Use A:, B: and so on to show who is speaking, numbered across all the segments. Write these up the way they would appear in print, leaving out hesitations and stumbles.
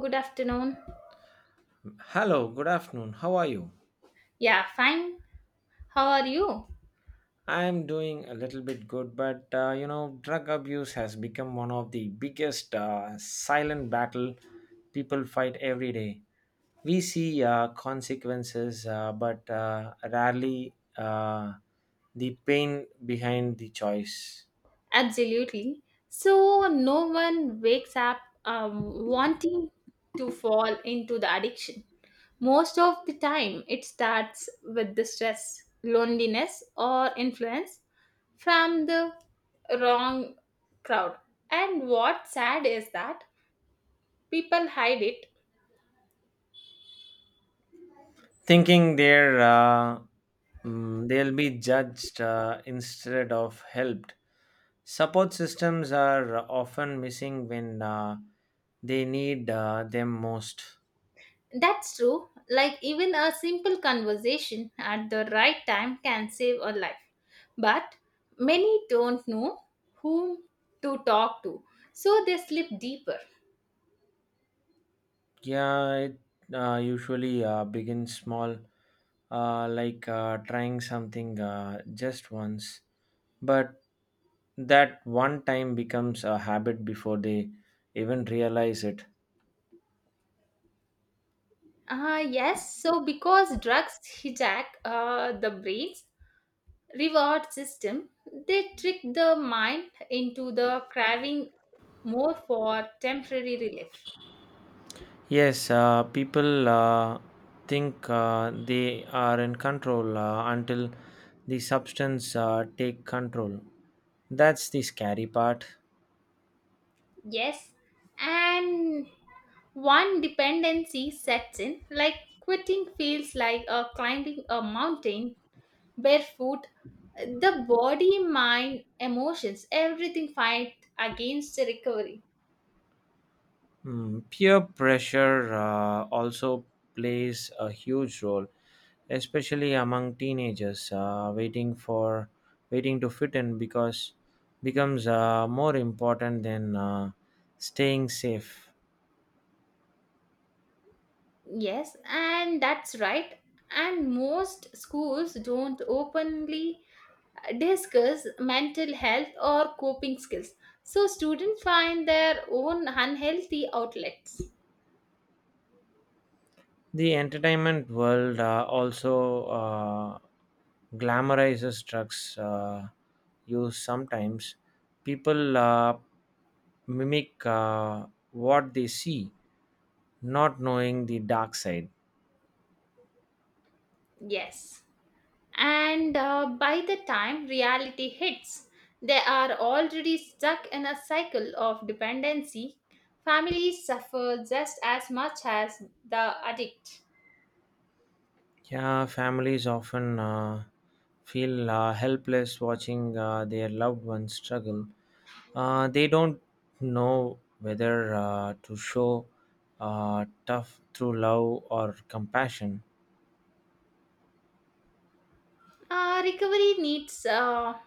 A: Good afternoon.
B: Hello, good afternoon. How are you?
A: Yeah, fine. How are you?
B: I'm doing a little bit good, but drug abuse has become one of the biggest silent battle people fight every day. We see consequences, but rarely the pain behind the choice.
A: Absolutely. So, no one wakes up um, wanting to fall into the addiction. Most of the time, it starts with the stress, loneliness, or influence from the wrong crowd. And what's sad is that people hide it.
B: Thinking they're mm, they'll be judged instead of helped. Support systems are often missing when they need them most.
A: That's true. Like, even a simple conversation at the right time can save a life. But many don't know whom to talk to, so they slip deeper.
B: Yeah, it usually begins small, like trying something just once, but that one time becomes a habit before they even realize it.
A: Ah, yes. So, because drugs hijack the brain's reward system, they trick the mind into the craving more for temporary relief.
B: Yes, people think they are in control until the substance take control. That's the scary part.
A: Yes, and one dependency sets in, like quitting feels like climbing a mountain barefoot. The body, mind, emotions, everything fight against the recovery.
B: Peer pressure also plays a huge role, especially among teenagers. Waiting to fit in because becomes more important than staying safe.
A: Yes, and that's right. And most schools don't openly discuss mental health or coping skills. So students find their own unhealthy outlets.
B: The entertainment world also glamorizes drugs use sometimes. People mimic what they see, not knowing the dark side.
A: Yes. And by the time reality hits, they are already stuck in a cycle of dependency. Families suffer just as much as the addict.
B: Yeah, families often feel helpless watching their loved ones struggle. They don't know whether to show tough through love or compassion.
A: Recovery needs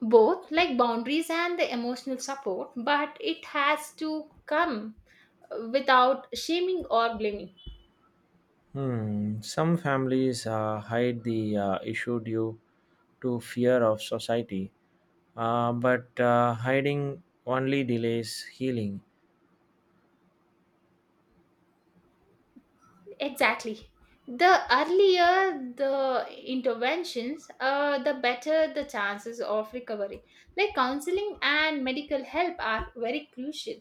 A: both like boundaries and the emotional support, but it has to come without shaming or blaming.
B: Hmm. Some families hide the issue due to fear of society, but hiding only delays healing.
A: Exactly. The earlier the interventions, the better the chances of recovery. Like counseling and medical help are very crucial.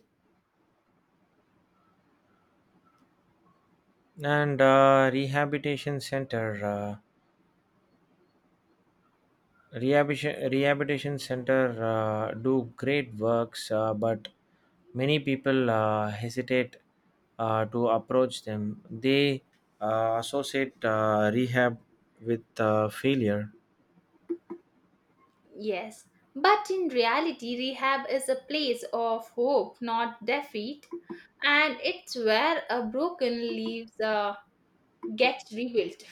B: And uh, rehabilitation center do great works, but many people hesitate to approach them. They associate rehab with failure.
A: Yes. But in reality, rehab is a place of hope, not defeat. And it's where a broken leaves gets rebuilt.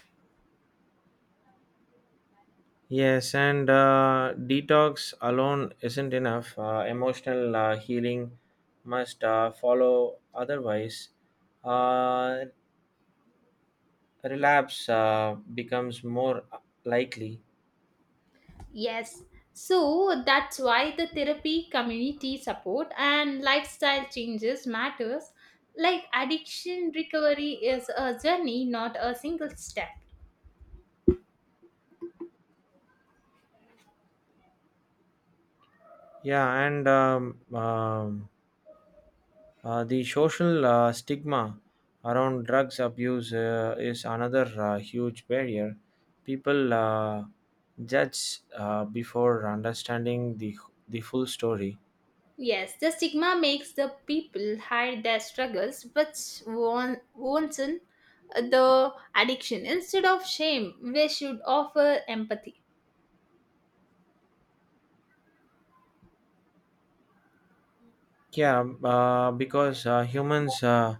B: Yes, and detox alone isn't enough. Emotional healing must follow, otherwise, uh, relapse becomes more likely.
A: Yes. So that's why the therapy, community support and lifestyle changes matters. Like addiction recovery is a journey, not a single step.
B: Yeah, and the social stigma around drugs abuse is another huge barrier. People judge before understanding the full story.
A: Yes, the stigma makes the people hide their struggles, but one worsen the addiction. Instead of shame, we should offer empathy.
B: Yeah, because uh, humans, uh,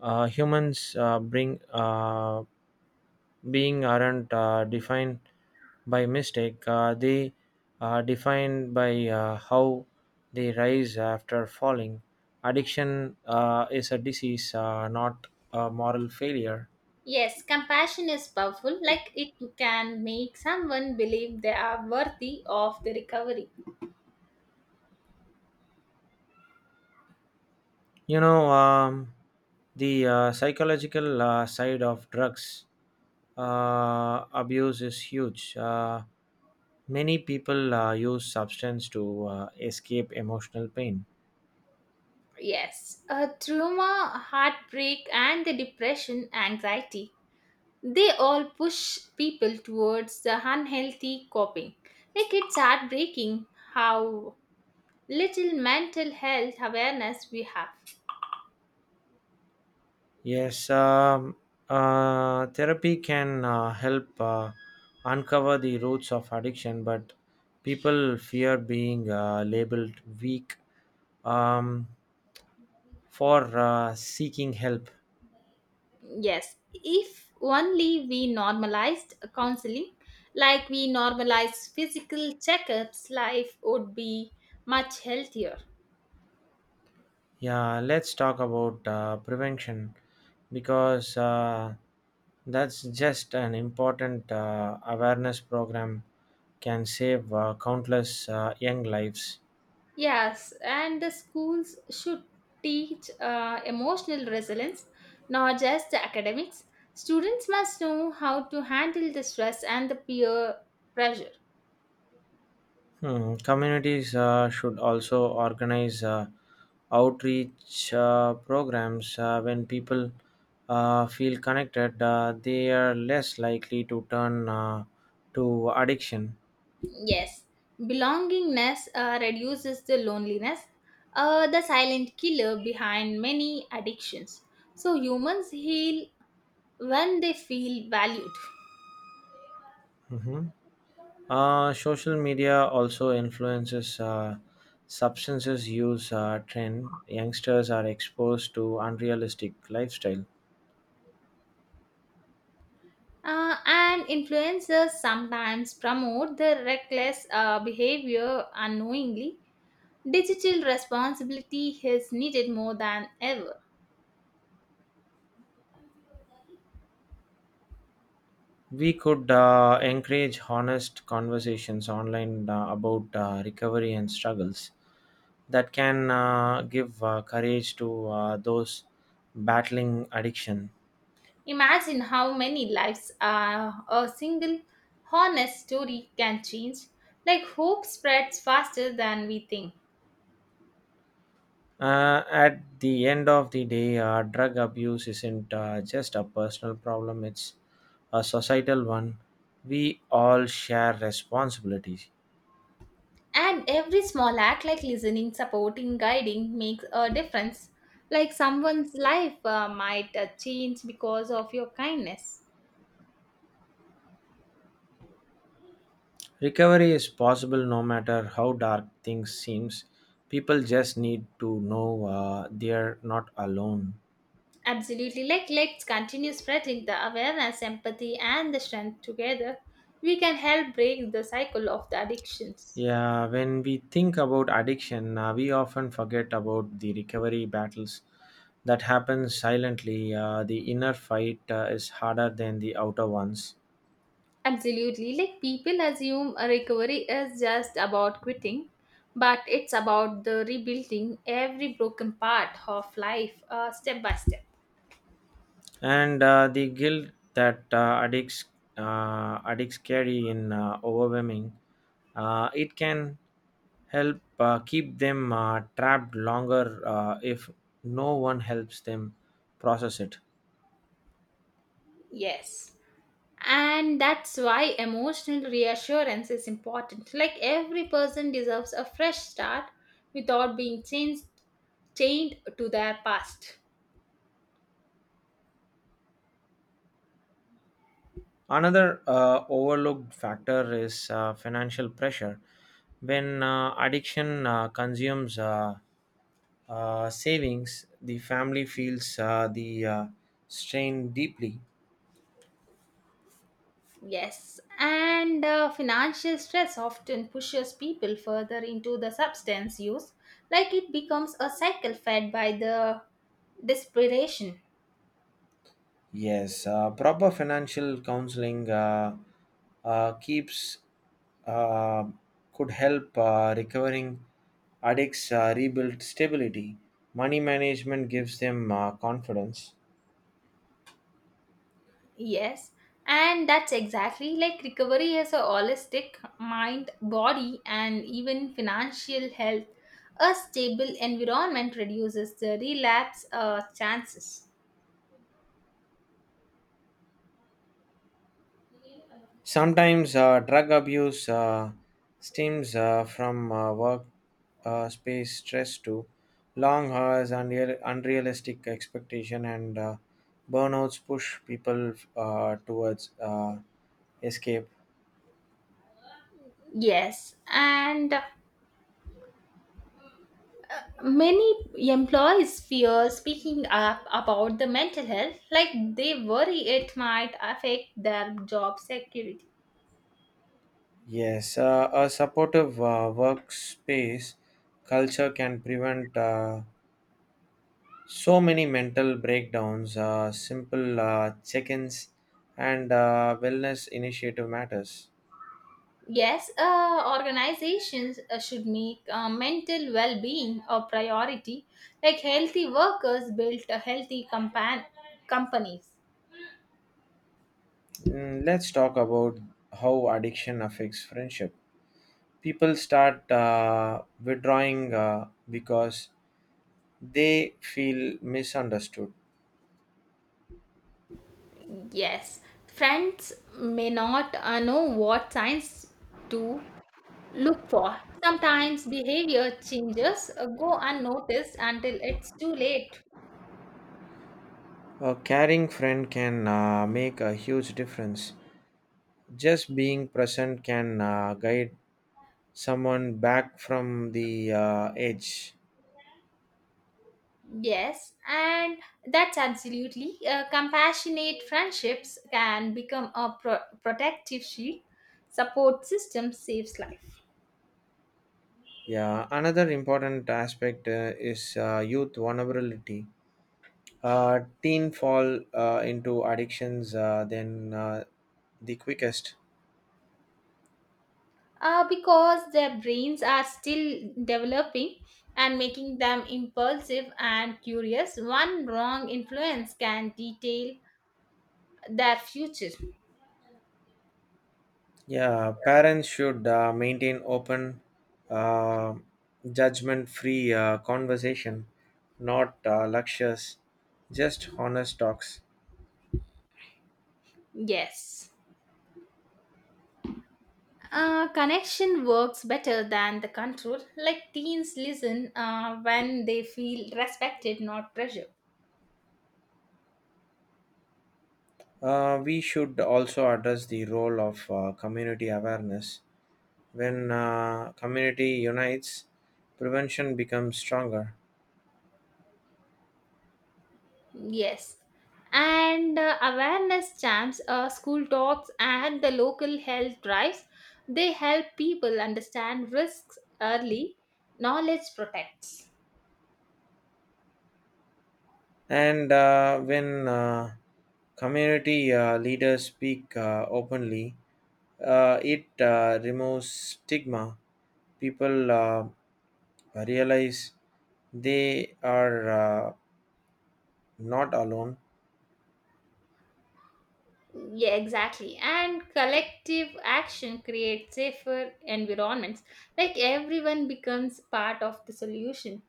B: uh, humans bring being aren't defined by mistake. They are defined by how they rise after falling. Addiction is a disease, not a moral failure.
A: Yes, compassion is powerful, like it can make someone believe they are worthy of the recovery.
B: You know, um, the psychological side of drugs abuse is huge. Many people use substance to escape emotional pain.
A: Yes, trauma, heartbreak, and the depression, anxiety, they all push people towards the unhealthy coping. Like it's heartbreaking how little mental health awareness we have.
B: Yes, um, therapy can help uncover the roots of addiction, but people fear being labeled weak um, for seeking help.
A: Yes, if only we normalized counseling, like we normalize physical checkups, life would be much healthier.
B: Yeah, let's talk about prevention because that's just an important awareness program can save countless young lives.
A: Yes, and the schools should teach emotional resilience, not just the academics. Students must know how to handle the stress and the peer pressure.
B: Hmm, communities should also organize outreach programs. When people feel connected, they are less likely to turn to addiction.
A: Yes, belongingness reduces the loneliness, the silent killer behind many addictions. So, humans heal when they feel valued.
B: Mhm. Social media also influences substances use trend. Youngsters are exposed to unrealistic lifestyle.
A: And influencers sometimes promote the reckless behavior unknowingly. Digital responsibility is needed more than ever.
B: We could encourage honest conversations online about recovery and struggles. That can give courage to those battling addiction.
A: Imagine how many lives a single honest story can change. Like hope spreads faster than we think.
B: At the end of the day, drug abuse isn't just a personal problem, it's a societal one. We all share responsibilities.
A: And every small act like listening, supporting, guiding makes a difference. Like someone's life might change because of your kindness.
B: Recovery is possible no matter how dark things seems. People just need to know they're not alone.
A: Absolutely. Like let's continue spreading the awareness, empathy and the strength together we can help break the cycle of the addictions.
B: Yeah, when we think about addiction, we often forget about the recovery battles that happen silently. The inner fight is harder than the outer ones,
A: Absolutely. Like people assume a recovery is just about quitting, but it's about the rebuilding every broken part of life step by step.
B: and the guilt that addicts carry in overwhelming. It can help keep them trapped longer if no one helps them process it.
A: Yes. And that's why emotional reassurance is important. Like every person deserves a fresh start without being changed chained to their past.
B: Another overlooked factor is financial pressure. When addiction consumes savings, the family feels the strain deeply.
A: Yes, and financial stress often pushes people further into the substance use, like it becomes a cycle fed by the desperation.
B: Yes, proper financial counseling keeps uh, could help recovering addicts rebuild stability. Money management gives them confidence.
A: Yes, and that's exactly like recovery as a holistic mind, body, and even financial health. A stable environment reduces the relapse chances.
B: Sometimes drug abuse stems from work space stress to long hours, unrealistic expectation, and burnouts push people towards escape.
A: Yes, and many employees fear speaking up about the mental health, like they worry it might affect their job security.
B: Yes, a supportive workspace culture can prevent so many mental breakdowns. Simple check-ins and wellness initiative matters.
A: Yes, organizations should make mental well being a priority, like healthy workers build a companies.
B: Let's talk about how addiction affects friendship. People start withdrawing because they feel misunderstood.
A: Yes, friends may not know what signs to look for. Sometimes behavior changes go unnoticed until it's too late.
B: A caring friend can make a huge difference. Just being present can guide someone back from the edge.
A: Yes, and that's absolutely. Compassionate friendships can become a protective shield. Support system saves life.
B: Yeah, another important aspect is youth vulnerability. Teen fall into addictions then the quickest.
A: Because their brains are still developing and making them impulsive and curious. One wrong influence can detail their future.
B: Yeah, parents should maintain open, uh, judgment free conversation, not lectures, just honest talks.
A: Yes. Connection works better than the control. Like teens listen when they feel respected, not pressure.
B: We should also address the role of community awareness. When community unites, prevention becomes stronger.
A: Yes. And awareness champs, school talks, and the local health drives, they help people understand risks early. Knowledge protects.
B: And when community leaders speak openly, it removes stigma. People realize they are not alone.
A: Yeah, exactly. And collective action creates safer environments. Like everyone becomes part of the solution.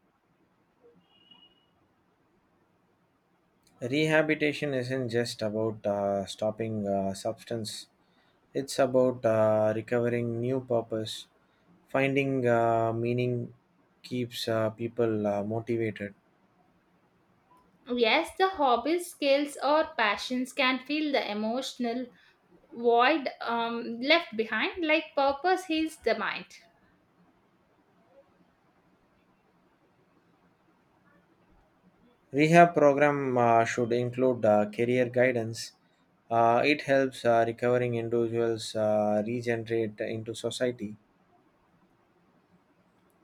B: Rehabilitation isn't just about stopping substance, it's about recovering new purpose. Finding meaning keeps people motivated.
A: Yes, the hobbies, skills, or passions can fill the emotional void left behind, like purpose heals the mind.
B: Rehab program should include career guidance. It helps recovering individuals regenerate into society.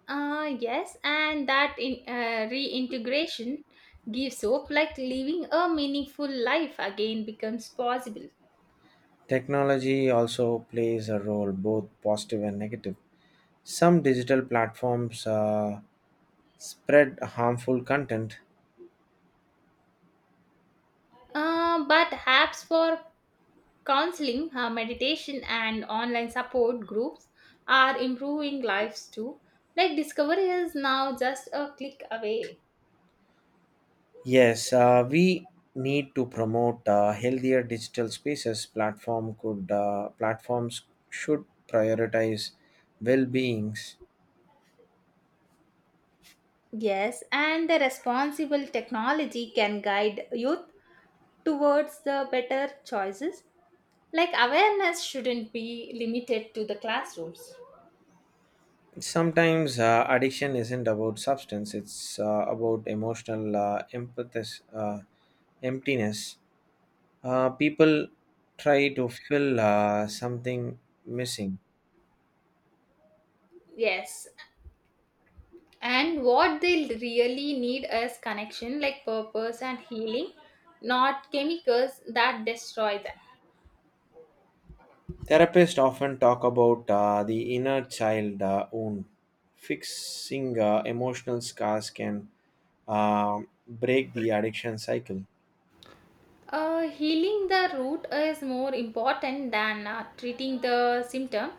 A: Yes, and reintegration gives hope, like living a meaningful life again becomes possible.
B: Technology also plays a role, both positive and negative. Some digital platforms spread harmful content.
A: But apps for counseling, meditation, and online support groups are improving lives too. Like discovery is now just a click away.
B: Yes, we need to promote healthier digital spaces. Platforms should prioritize well-beings.
A: Yes, and the responsible technology can guide youth towards the better choices. Like awareness shouldn't be limited to the classrooms.
B: Sometimes addiction isn't about substance; it's about emotional uh, emptiness. People try to fill something missing.
A: Yes, and what they really need is connection, like purpose and healing, not chemicals that destroy them.
B: Therapists often talk about the inner child wound. Fixing emotional scars can uh, break the addiction cycle.
A: Healing the root is more important than treating the symptom.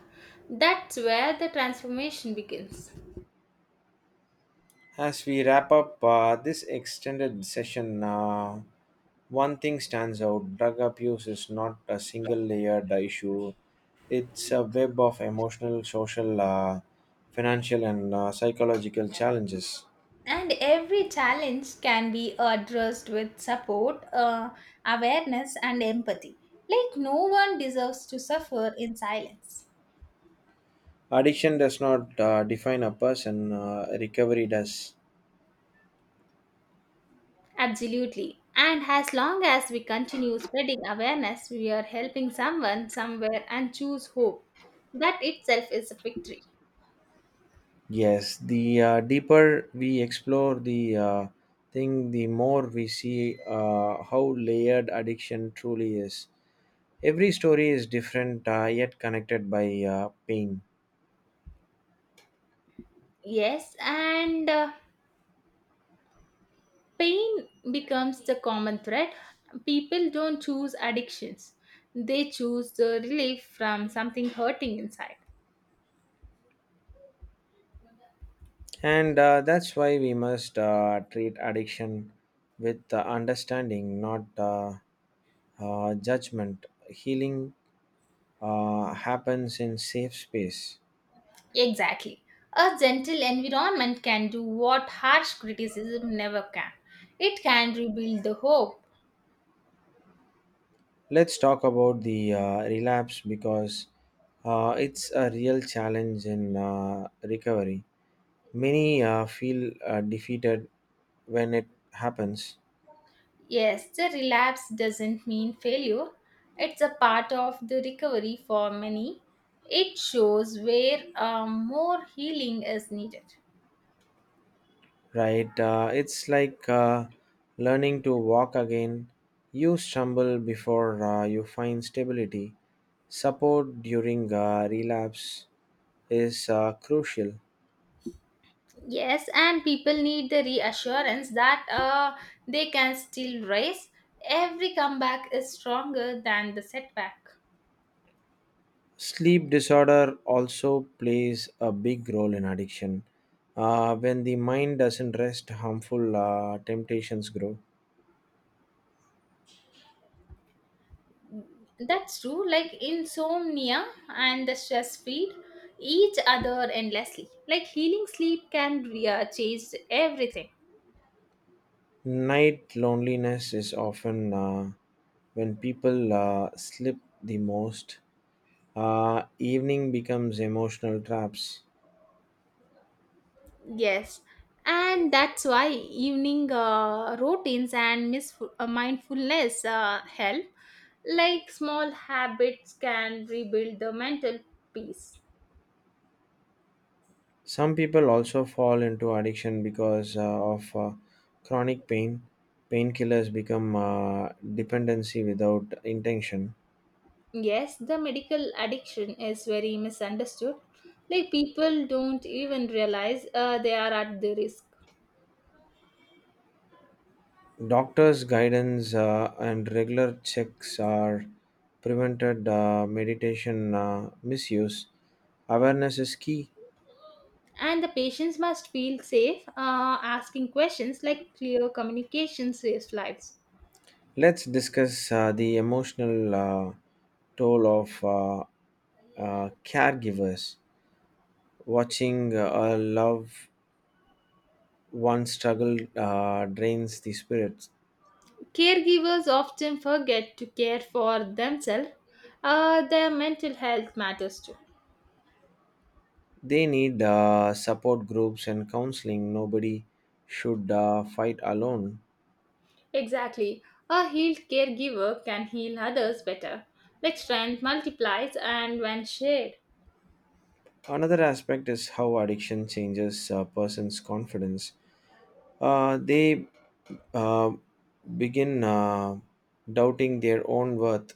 A: That's where the transformation begins.
B: As we wrap up this extended session, one thing stands out: drug abuse is not a single layered issue, it's a web of emotional, social, financial, and psychological challenges.
A: And every challenge can be addressed with support, awareness, and empathy. Like, no one deserves to suffer in silence.
B: Addiction does not define a person, recovery does.
A: Absolutely. And as long as we continue spreading awareness, we are helping someone somewhere and choose hope. That itself is a victory.
B: Yes, the deeper we explore the thing, the more we see how layered addiction truly is. Every story is different, yet connected by pain.
A: Yes, and pain becomes the common thread. People don't choose addictions, they choose the relief from something hurting inside.
B: And that's why we must treat addiction with understanding, not judgment. Healing happens in safe space.
A: Exactly. A gentle environment can do what harsh criticism never can. It can rebuild the hope.
B: Let's talk about the relapse because it's a real challenge in recovery. Many feel defeated when it happens,
A: Yes, the relapse doesn't mean failure. It's a part of the recovery for many. It shows where more healing is needed.
B: right? It's like learning to walk again. You stumble before you find stability. Support during relapse is crucial.
A: Yes, and people need the reassurance that they can still rise. Every comeback is stronger than the setback.
B: Sleep disorder also plays a big role in addiction. When the mind doesn't rest, harmful temptations grow.
A: That's true. Like insomnia and the stress feed each other endlessly. Like healing sleep can change everything.
B: Night loneliness is often when people slip the most. Evening becomes emotional traps.
A: Yes, and that's why evening routines and mindfulness help. Like small habits can rebuild the mental peace.
B: Some people also fall into addiction because of chronic pain. Painkillers become dependency without intention.
A: Yes, the medical addiction is very misunderstood. Like people don't even realize they are at the risk.
B: Doctors' guidance and regular checks are prevented meditation misuse. Awareness is key.
A: And the patients must feel safe asking questions like clear communication saves lives.
B: Let's discuss the emotional toll of caregivers. Watching a loved one struggle drains the spirits.
A: Caregivers often forget to care for themselves, their mental health matters too.
B: They need support groups and counseling. Nobody should fight alone.
A: Exactly. A healed caregiver can heal others better, like strength multiplies and when shared.
B: Another aspect is how addiction changes a person's confidence. They uh, begin doubting their own worth.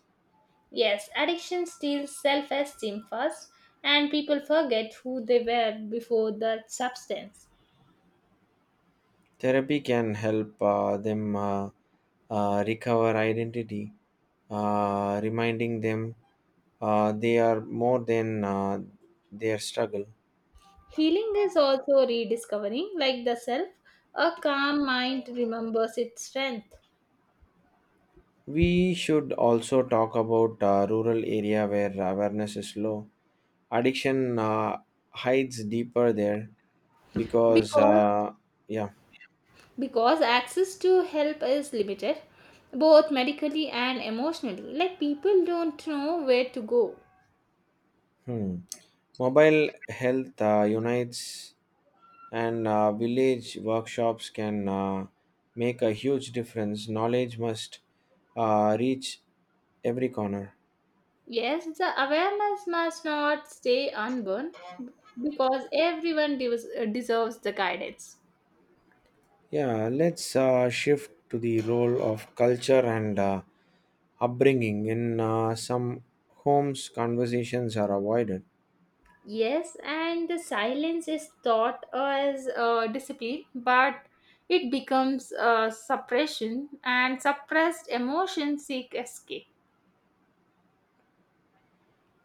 A: Yes, addiction steals self-esteem first, and people forget who they were before that substance.
B: Therapy can help them recover identity, reminding them they are more than their struggle.
A: Healing is also rediscovering, like the self, a calm mind remembers its strength.
B: We should also talk about rural area where awareness is low. Addiction hides deeper there because
A: Because,
B: yeah.
A: because access to help is limited, both medically and emotionally, like people don't know where to go.
B: Hmm. Mobile health unites and village workshops can make a huge difference. Knowledge must reach every corner.
A: Yes, the awareness must not stay unborn because everyone deserves the guidance.
B: Yeah, let's shift to the role of culture and upbringing. In some homes conversations are avoided.
A: Yes, and the silence is thought as discipline, but it becomes suppression, and suppressed emotions seek escape.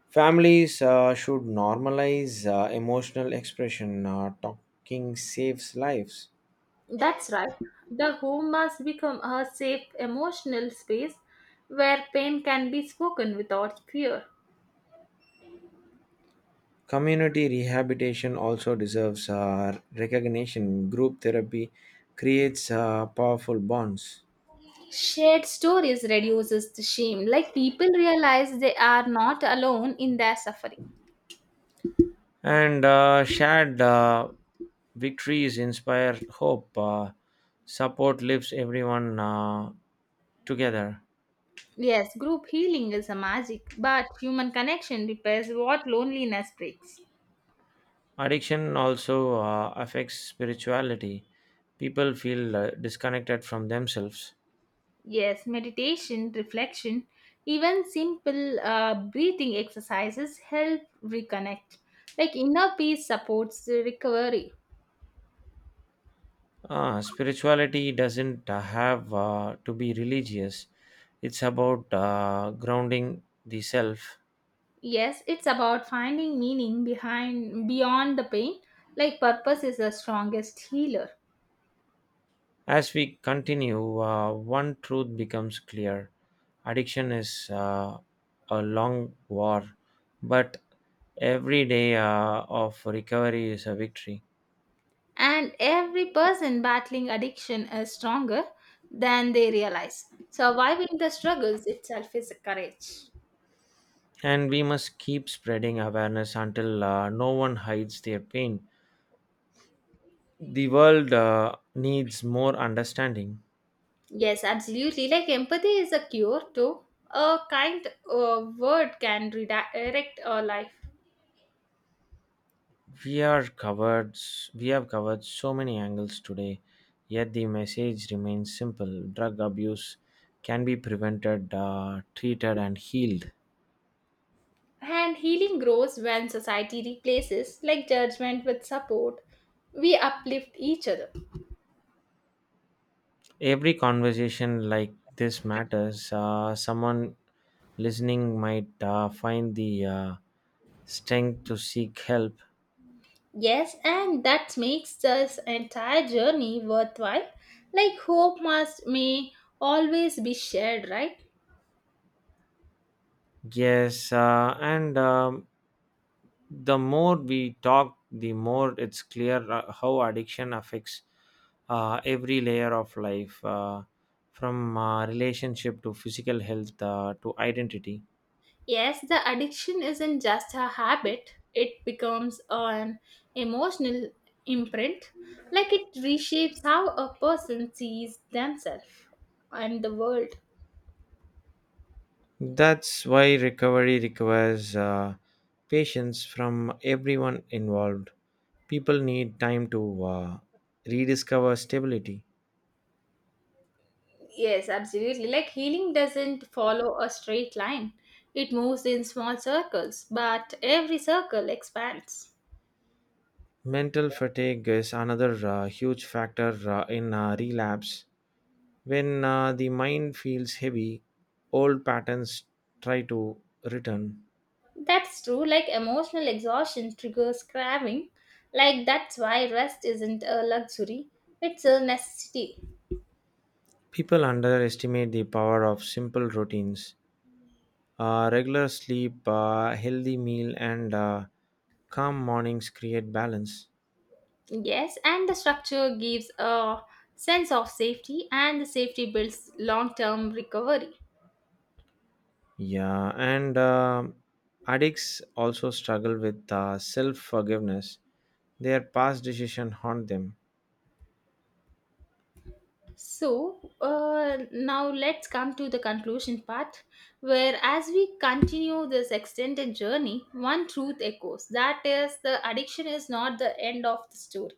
B: Families should normalize emotional expression. Talking saves lives.
A: That's right. The home must become a safe emotional space where pain can be spoken without fear.
B: Community rehabilitation also deserves recognition. Group therapy creates powerful bonds,
A: Shared stories reduces the shame, like people realize they are not alone in their suffering.
B: and shared victories inspire hope. Support lifts everyone together.
A: Yes, group healing is a magic, but human connection repairs what loneliness breaks.
B: Addiction also affects spirituality. People feel disconnected from themselves.
A: Yes, meditation, reflection, even simple breathing exercises help reconnect. Like inner peace supports the recovery.
B: Ah, spirituality doesn't have to be religious. It's about grounding the self.
A: Yes, it's about finding meaning behind beyond the pain. Like purpose is the strongest healer.
B: As we continue, one truth becomes clear. Addiction is a long war, but every day of recovery is a victory.
A: And every person battling addiction is stronger than they realize. Surviving the struggles itself is a courage.
B: And we must keep spreading awareness until no one hides their pain. The world needs more understanding.
A: Yes, absolutely. Like empathy is a cure too. A kind word can redirect a life.
B: We are covered we have covered so many angles today, yet the message remains simple. Drug abuse can be prevented, treated and healed.
A: And healing grows when society replaces like judgment with support. We uplift each other.
B: Every conversation like this matters. Someone listening might find the uh, strength to seek help.
A: Yes, and that makes this entire journey worthwhile. Like hope must may always be shared, right?
B: Yes, and the more we talk, the more it's clear how addiction affects every layer of life, from relationship to physical health to identity.
A: Yes, the addiction isn't just a habit, it becomes an emotional imprint, like it reshapes how a person sees themselves and the world.
B: That's why recovery requires patience from everyone involved. People need time to rediscover stability.
A: Yes, absolutely. Like healing doesn't follow a straight line, it moves in small circles, but every circle expands.
B: Mental fatigue is another huge factor in relapse. When the mind feels heavy, old patterns try to return.
A: That's true, like emotional exhaustion triggers craving. Like that's why rest isn't a luxury, it's a necessity.
B: People underestimate the power of simple routines. Regular sleep, healthy meal, and calm mornings create balance.
A: Yes, and the structure gives a sense of safety, and the safety builds long term recovery.
B: Yeah, and addicts also struggle with self forgiveness. Their past decisions haunt them.
A: So, now let's come to the conclusion part, where as we continue this extended journey, one truth echoes that is, the addiction is not the end of the story.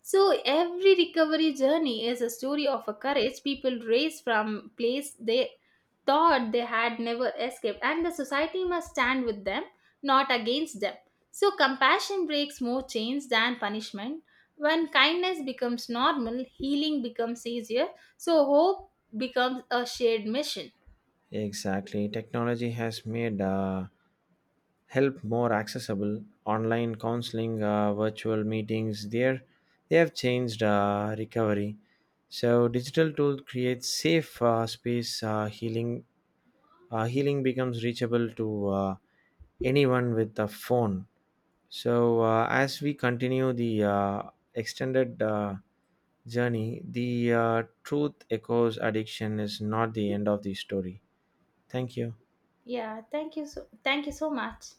A: So every recovery journey is a story of a courage people raised from place they thought they had never escaped and the society must stand with them not against them. So compassion breaks more chains than punishment. When kindness becomes normal, healing becomes easier. So hope becomes a shared mission.
B: Exactly. Technology has made help more accessible. Online counseling, virtual meetings, there they have changed recovery. So digital tool creates safe space healing healing becomes reachable to anyone with a phone. So as we continue the extended journey, the truth echoes: addiction is not the end of the story. Thank you.
A: Yeah, thank you so much.